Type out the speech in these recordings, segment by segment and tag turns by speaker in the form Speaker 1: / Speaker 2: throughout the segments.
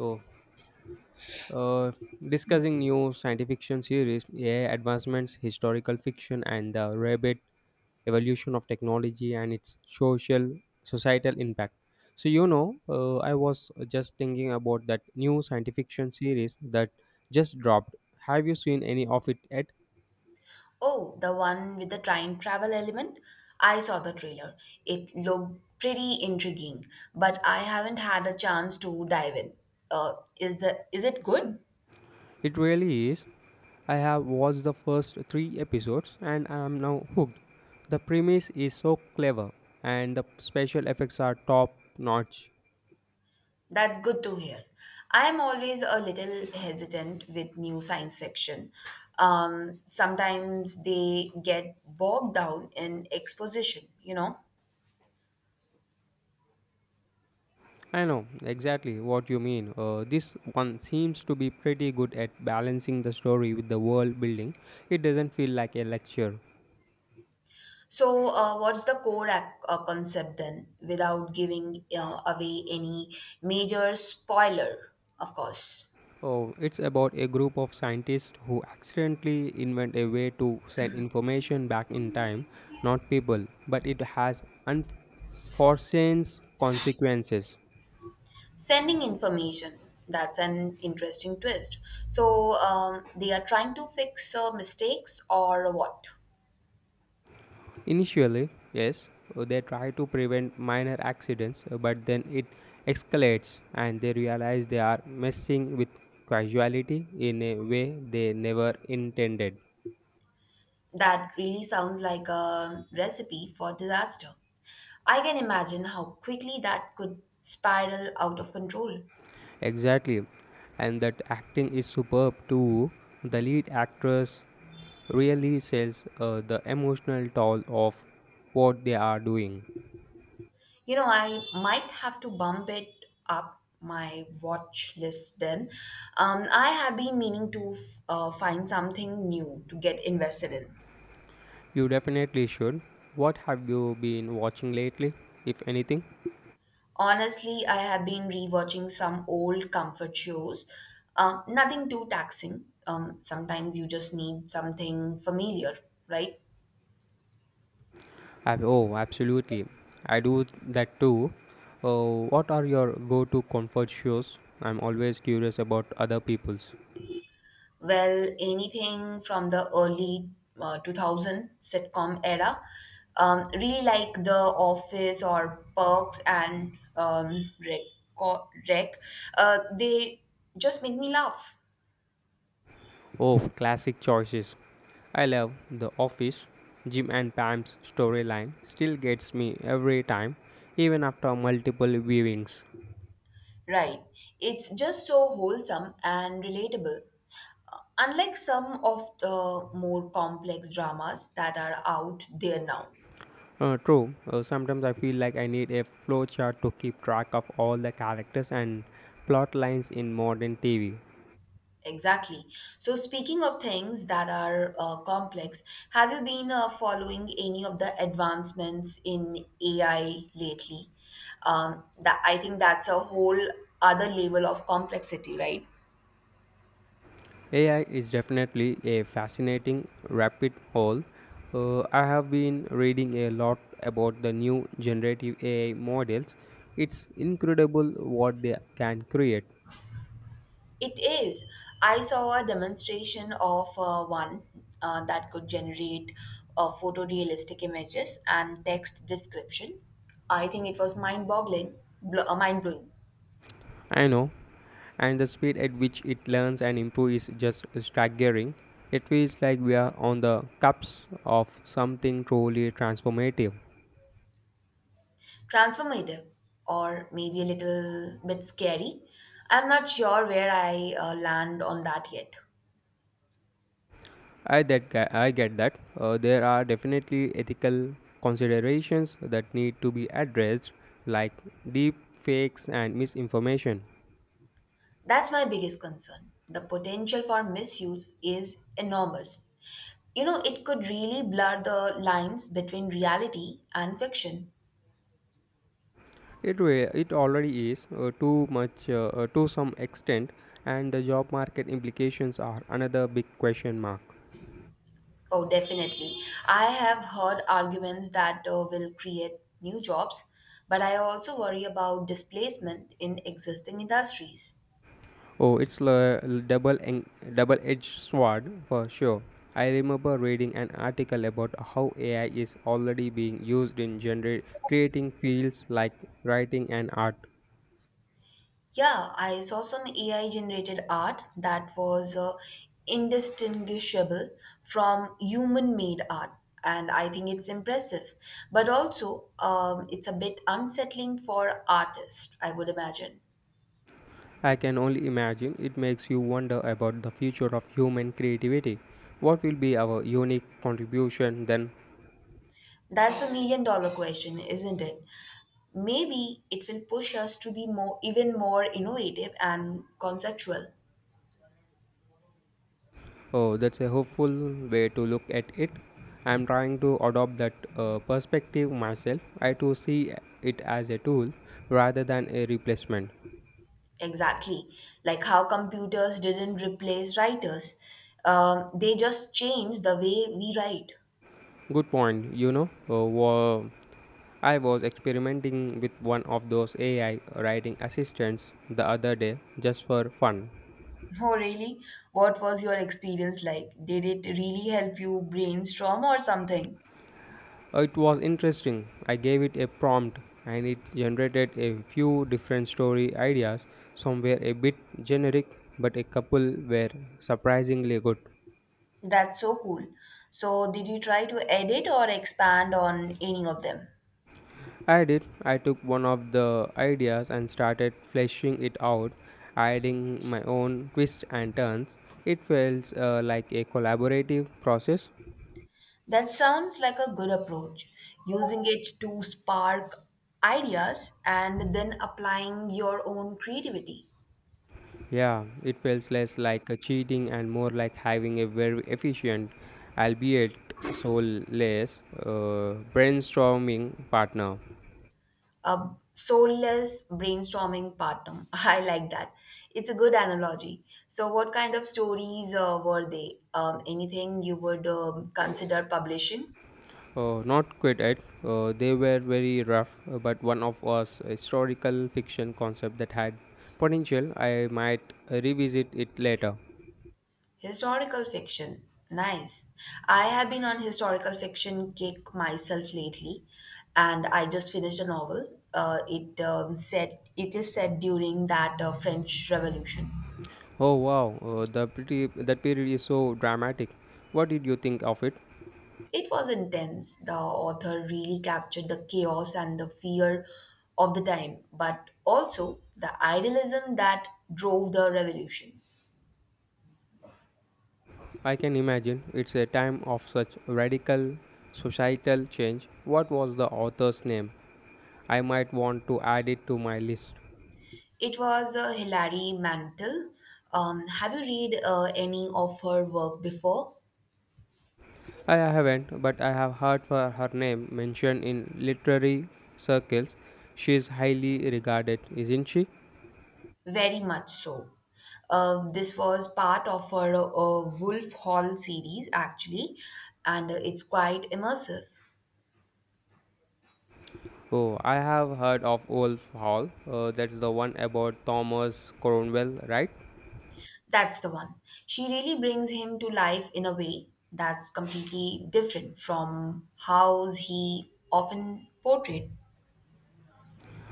Speaker 1: So, uh, Discussing new science fiction series, AI advancements, historical fiction, and the rapid evolution of technology and its social societal impact. I was just thinking about that new science fiction series that just dropped. Have you seen any of it yet?
Speaker 2: Oh, the one with the time travel element? I saw the trailer. It looked pretty intriguing, but I haven't had a chance to dive in. Is it good?
Speaker 1: It really is. I have watched the first three episodes and I am now hooked. The premise is so clever and the special effects are top notch.
Speaker 2: That's good to hear. I am always a little hesitant with new science fiction. Sometimes they get bogged down in exposition.
Speaker 1: I know exactly what you mean. This one seems to be pretty good at balancing the story with the world building. It doesn't feel like a lecture.
Speaker 2: So, what's the core concept then, without giving away any major spoiler, of course?
Speaker 1: Oh, it's about a group of scientists who accidentally invent a way to send information back in time, not people, but it has unforeseen consequences.
Speaker 2: Sending information. That's an interesting twist. So, they are trying to fix mistakes or what?
Speaker 1: Initially, yes, they try to prevent minor accidents, but then it escalates and they realize they are messing with casuality in a way they never intended.
Speaker 2: That really sounds like a recipe for disaster. I can imagine how quickly that could spiral out of control.
Speaker 1: Exactly, and that acting is superb too. The lead actress really sells the emotional toll of what they are doing.
Speaker 2: You know, I might have to bump it up my watch list then. I have been meaning to find something new to get invested in.
Speaker 1: You definitely should. What have you been watching lately, if anything?
Speaker 2: Honestly, I have been rewatching some old comfort shows. Nothing too taxing. Sometimes you just need something familiar, right?
Speaker 1: Oh, absolutely. I do that too. What are your go to comfort shows? I'm always curious about other people's.
Speaker 2: Well, anything from the early 2000 sitcom era. Really like The Office or Perks and Rec. Rec. They just make me laugh.
Speaker 1: Oh, classic choices. I love The Office. Jim and Pam's storyline still gets me every time, even after multiple viewings.
Speaker 2: Right. It's just so wholesome and relatable. Unlike some of the more complex dramas that are out there now.
Speaker 1: True, sometimes I feel like I need a flowchart to keep track of all the characters and plot lines in modern TV.
Speaker 2: Exactly. So, speaking of things that are complex, have you been following any of the advancements in AI lately? That I think that's a whole other level of complexity, right?
Speaker 1: AI is definitely a fascinating rabbit hole. I have been reading a lot about the new generative AI models. It's incredible what they can create.
Speaker 2: It is. I saw a demonstration of one that could generate photorealistic images and text description. I think it was mind-boggling, mind-blowing.
Speaker 1: I know, and the speed at which it learns and improves is just staggering. It feels like we are on the cusp of something truly transformative.
Speaker 2: Transformative or maybe a little bit scary. I'm not sure where I land on that yet.
Speaker 1: I get that. There are definitely ethical considerations that need to be addressed, like deep fakes and misinformation.
Speaker 2: That's my biggest concern. The potential for misuse is enormous. You know, it could really blur the lines between reality and fiction.
Speaker 1: It already is too much to some extent, and the job market implications are another big question mark.
Speaker 2: Oh, definitely. I have heard arguments that will create new jobs, but I also worry about displacement in existing industries.
Speaker 1: Oh, it's a double en- double edged sword for sure. I remember reading an article about how AI is already being used in generate creating fields like writing and art.
Speaker 2: Yeah, I saw some AI generated art that was indistinguishable from human made art, and I think it's impressive. But also, it's a bit unsettling for artists, I would imagine.
Speaker 1: I can only imagine it makes you wonder about the future of human creativity. What will be our unique contribution then?
Speaker 2: That's million-dollar question, isn't it? Maybe it will push us to be even more innovative and conceptual.
Speaker 1: Oh, that's a hopeful way to look at it. I'm trying to adopt that perspective myself. I too see it as a tool rather than a replacement.
Speaker 2: Exactly. Like how computers didn't replace writers, they just changed the way we write.
Speaker 1: Good point, you know. I was experimenting with one of those AI writing assistants the other day just for fun.
Speaker 2: Oh, really? What was your experience like? Did it really help you brainstorm or something?
Speaker 1: It was interesting. I gave it a prompt and it generated a few different story ideas. Some were a bit generic, but a couple were surprisingly good.
Speaker 2: That's so cool. So, did you try to edit or expand on any of them?
Speaker 1: I did. I took one of the ideas and started fleshing it out, adding my own twists and turns. It feels like a collaborative process.
Speaker 2: That sounds like a good approach, using it to spark ideas and then applying your own creativity.
Speaker 1: Yeah, it feels less like a cheating and more like having a very efficient, albeit soulless, brainstorming partner.
Speaker 2: A soulless brainstorming partner. I like that. It's a good analogy. So, what kind of stories were they? Anything you would consider publishing?
Speaker 1: Not quite it. They were very rough, but one of us a historical fiction concept that had potential. I might revisit it later.
Speaker 2: Historical fiction. Nice. I have been on historical fiction kick myself lately, and I just finished a novel. It said it is set during that French Revolution.
Speaker 1: Oh wow, the pretty that period is so dramatic. What did you think of it?
Speaker 2: It was intense. The author really captured the chaos and the fear of the time, but also the idealism that drove the revolution.
Speaker 1: I can imagine it's a time of such radical societal change. What was the author's name? I might want to add it to my list.
Speaker 2: It was Hilary Mantel. Have you read any of her work before?
Speaker 1: I haven't, but I have heard for her name mentioned in literary circles. She is highly regarded, isn't she?
Speaker 2: Very much so. This was part of her Wolf Hall series, actually, and it's quite immersive.
Speaker 1: Oh, I have heard of Wolf Hall. That's the one about Thomas Cromwell, right?
Speaker 2: That's the one. She really brings him to life in a way that's completely different from how he often portrayed.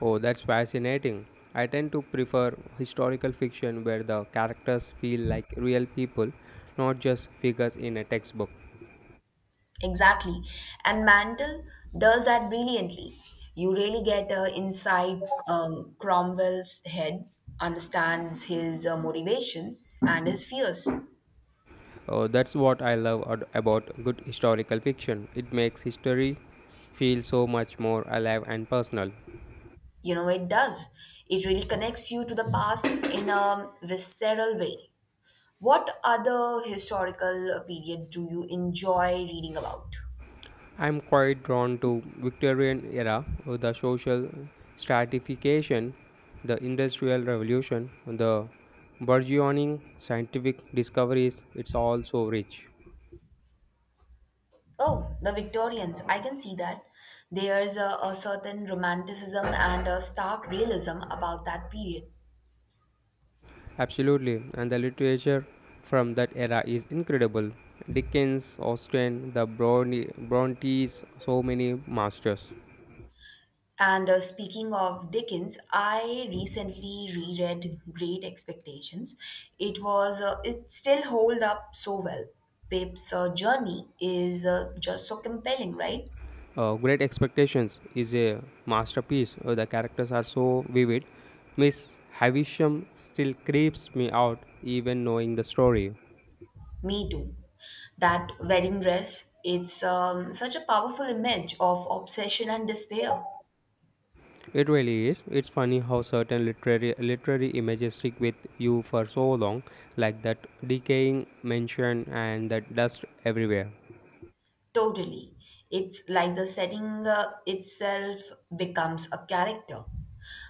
Speaker 1: Oh, that's fascinating. I tend to prefer historical fiction where the characters feel like real people, not just figures in a textbook.
Speaker 2: Exactly. And Mandel does that brilliantly. You really get inside Cromwell's head, understands his motivations and his fears.
Speaker 1: Oh, that's what I about good historical fiction. It makes history feel so much more alive and personal.
Speaker 2: You know, it does. It really connects you to the past in a visceral way. What other historical periods do you enjoy reading about?
Speaker 1: I'm quite drawn to Victorian era, the social stratification, the industrial revolution, the burgeoning scientific discoveries. It's all so rich.
Speaker 2: Oh, the Victorians. I can see that. There's a certain romanticism and a stark realism about that period.
Speaker 1: Absolutely, and the literature from that era is incredible. Dickens, Austen, Brontes, so many masters.
Speaker 2: And speaking of Dickens, I recently reread Great Expectations. It still hold up so well. Pip's journey is just so compelling, right?
Speaker 1: Great Expectations is a masterpiece. The characters are so vivid. Miss Havisham still creeps me out even knowing the story.
Speaker 2: Me too. That wedding dress, it's such a powerful image of obsession and despair.
Speaker 1: It really is. It's funny how certain literary images stick with you for so long, like that decaying mansion and that dust everywhere.
Speaker 2: Totally. It's like the setting itself becomes a character.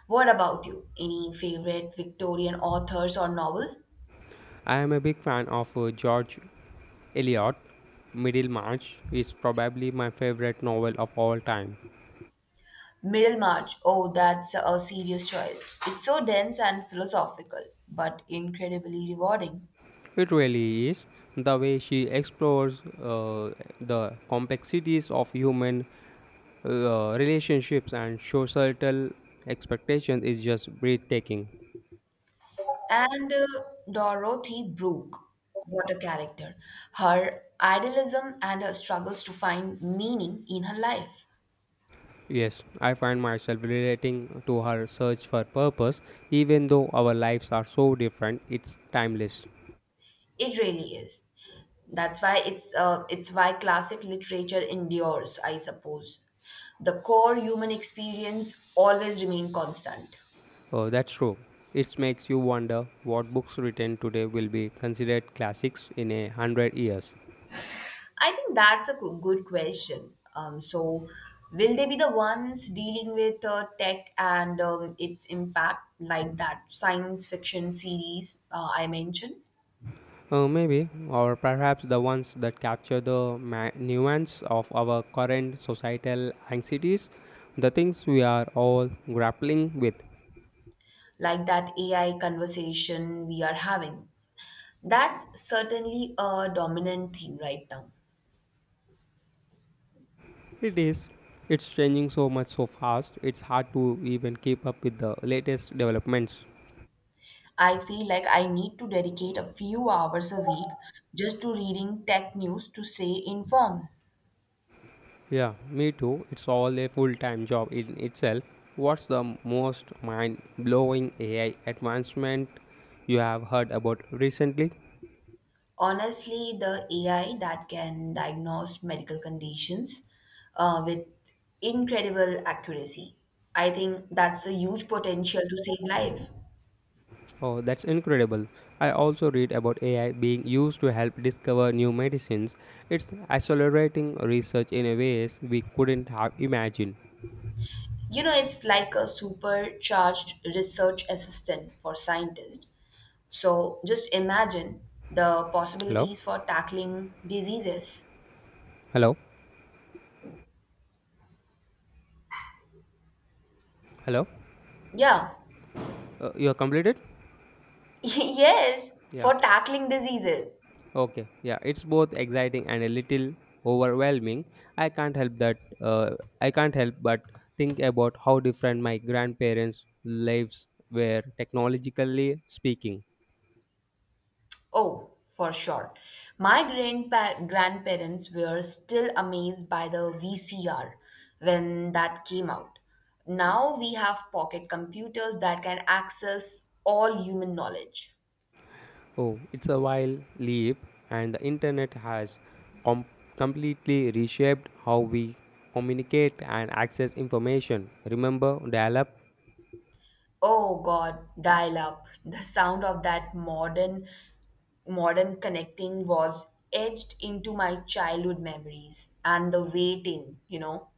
Speaker 2: What about you? Any favorite Victorian authors or novels?
Speaker 1: I am a big fan of George Eliot. Middlemarch is probably my favorite novel of all time.
Speaker 2: Middlemarch, oh, that's a serious choice. It's so dense and philosophical, but incredibly rewarding.
Speaker 1: It really is. The way she explores the complexities of human relationships and societal expectations is just breathtaking.
Speaker 2: And Dorothy Brooke, what a character. Her idealism and her struggles to find meaning in her life.
Speaker 1: Yes, I find myself relating to her search for purpose, even though our lives are so different, it's timeless.
Speaker 2: It really is. That's why it's why classic literature endures, I suppose. The core human experience always remain constant.
Speaker 1: Oh, that's true. It makes you wonder what books written today will be considered classics in 100 years.
Speaker 2: I think that's a good question. So, will they be the ones dealing with tech and its impact, like that science fiction series I mentioned,
Speaker 1: Maybe, or perhaps the ones that capture the nuance of our current societal anxieties, the things we are all grappling with.
Speaker 2: like that AI conversation we are having? That's certainly a dominant theme right now.
Speaker 1: It is. It's changing so much so fast, it's hard to even keep up with the latest developments.
Speaker 2: I feel like I need to dedicate a few hours a week just to reading tech news to stay informed.
Speaker 1: Yeah, me too. It's all a full time job in itself. What's the most mind blowing AI advancement you have heard about recently?
Speaker 2: Honestly, the AI that can diagnose medical conditions with incredible accuracy. I think that's a huge potential to save life.
Speaker 1: Oh, that's incredible. I also read about AI being used to help discover new medicines. It's accelerating research in a ways we couldn't have imagined.
Speaker 2: You know, it's like a supercharged research assistant for scientists. So just imagine the
Speaker 1: Hello?
Speaker 2: possibilities for tackling diseases.
Speaker 1: Hello? Hello?
Speaker 2: Yeah,
Speaker 1: You are completed?
Speaker 2: yes,
Speaker 1: Yeah.
Speaker 2: for tackling diseases.
Speaker 1: Okay, yeah, it's both exciting and a little overwhelming. I can't help that. I can't help but think about how different my grandparents' lives were technologically speaking.
Speaker 2: Oh, for sure. My grandparents were still amazed by the VCR when that came out. Now we have pocket computers that can access all human knowledge.
Speaker 1: Oh, it's a wild leap, and the internet has com- completely reshaped how we communicate and access information. Remember dial-up?
Speaker 2: Oh God, dial up. The sound of that modern connecting was etched into my childhood memories and the waiting.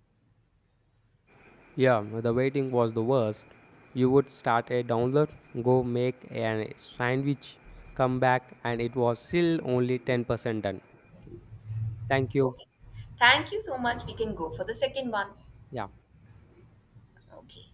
Speaker 1: Yeah, the waiting was the worst. You would start a download, go make a sandwich, come back, and it was still only 10% done. Thank you.
Speaker 2: Okay. Thank you so much. We can go for the second one.
Speaker 1: Yeah.
Speaker 2: Okay.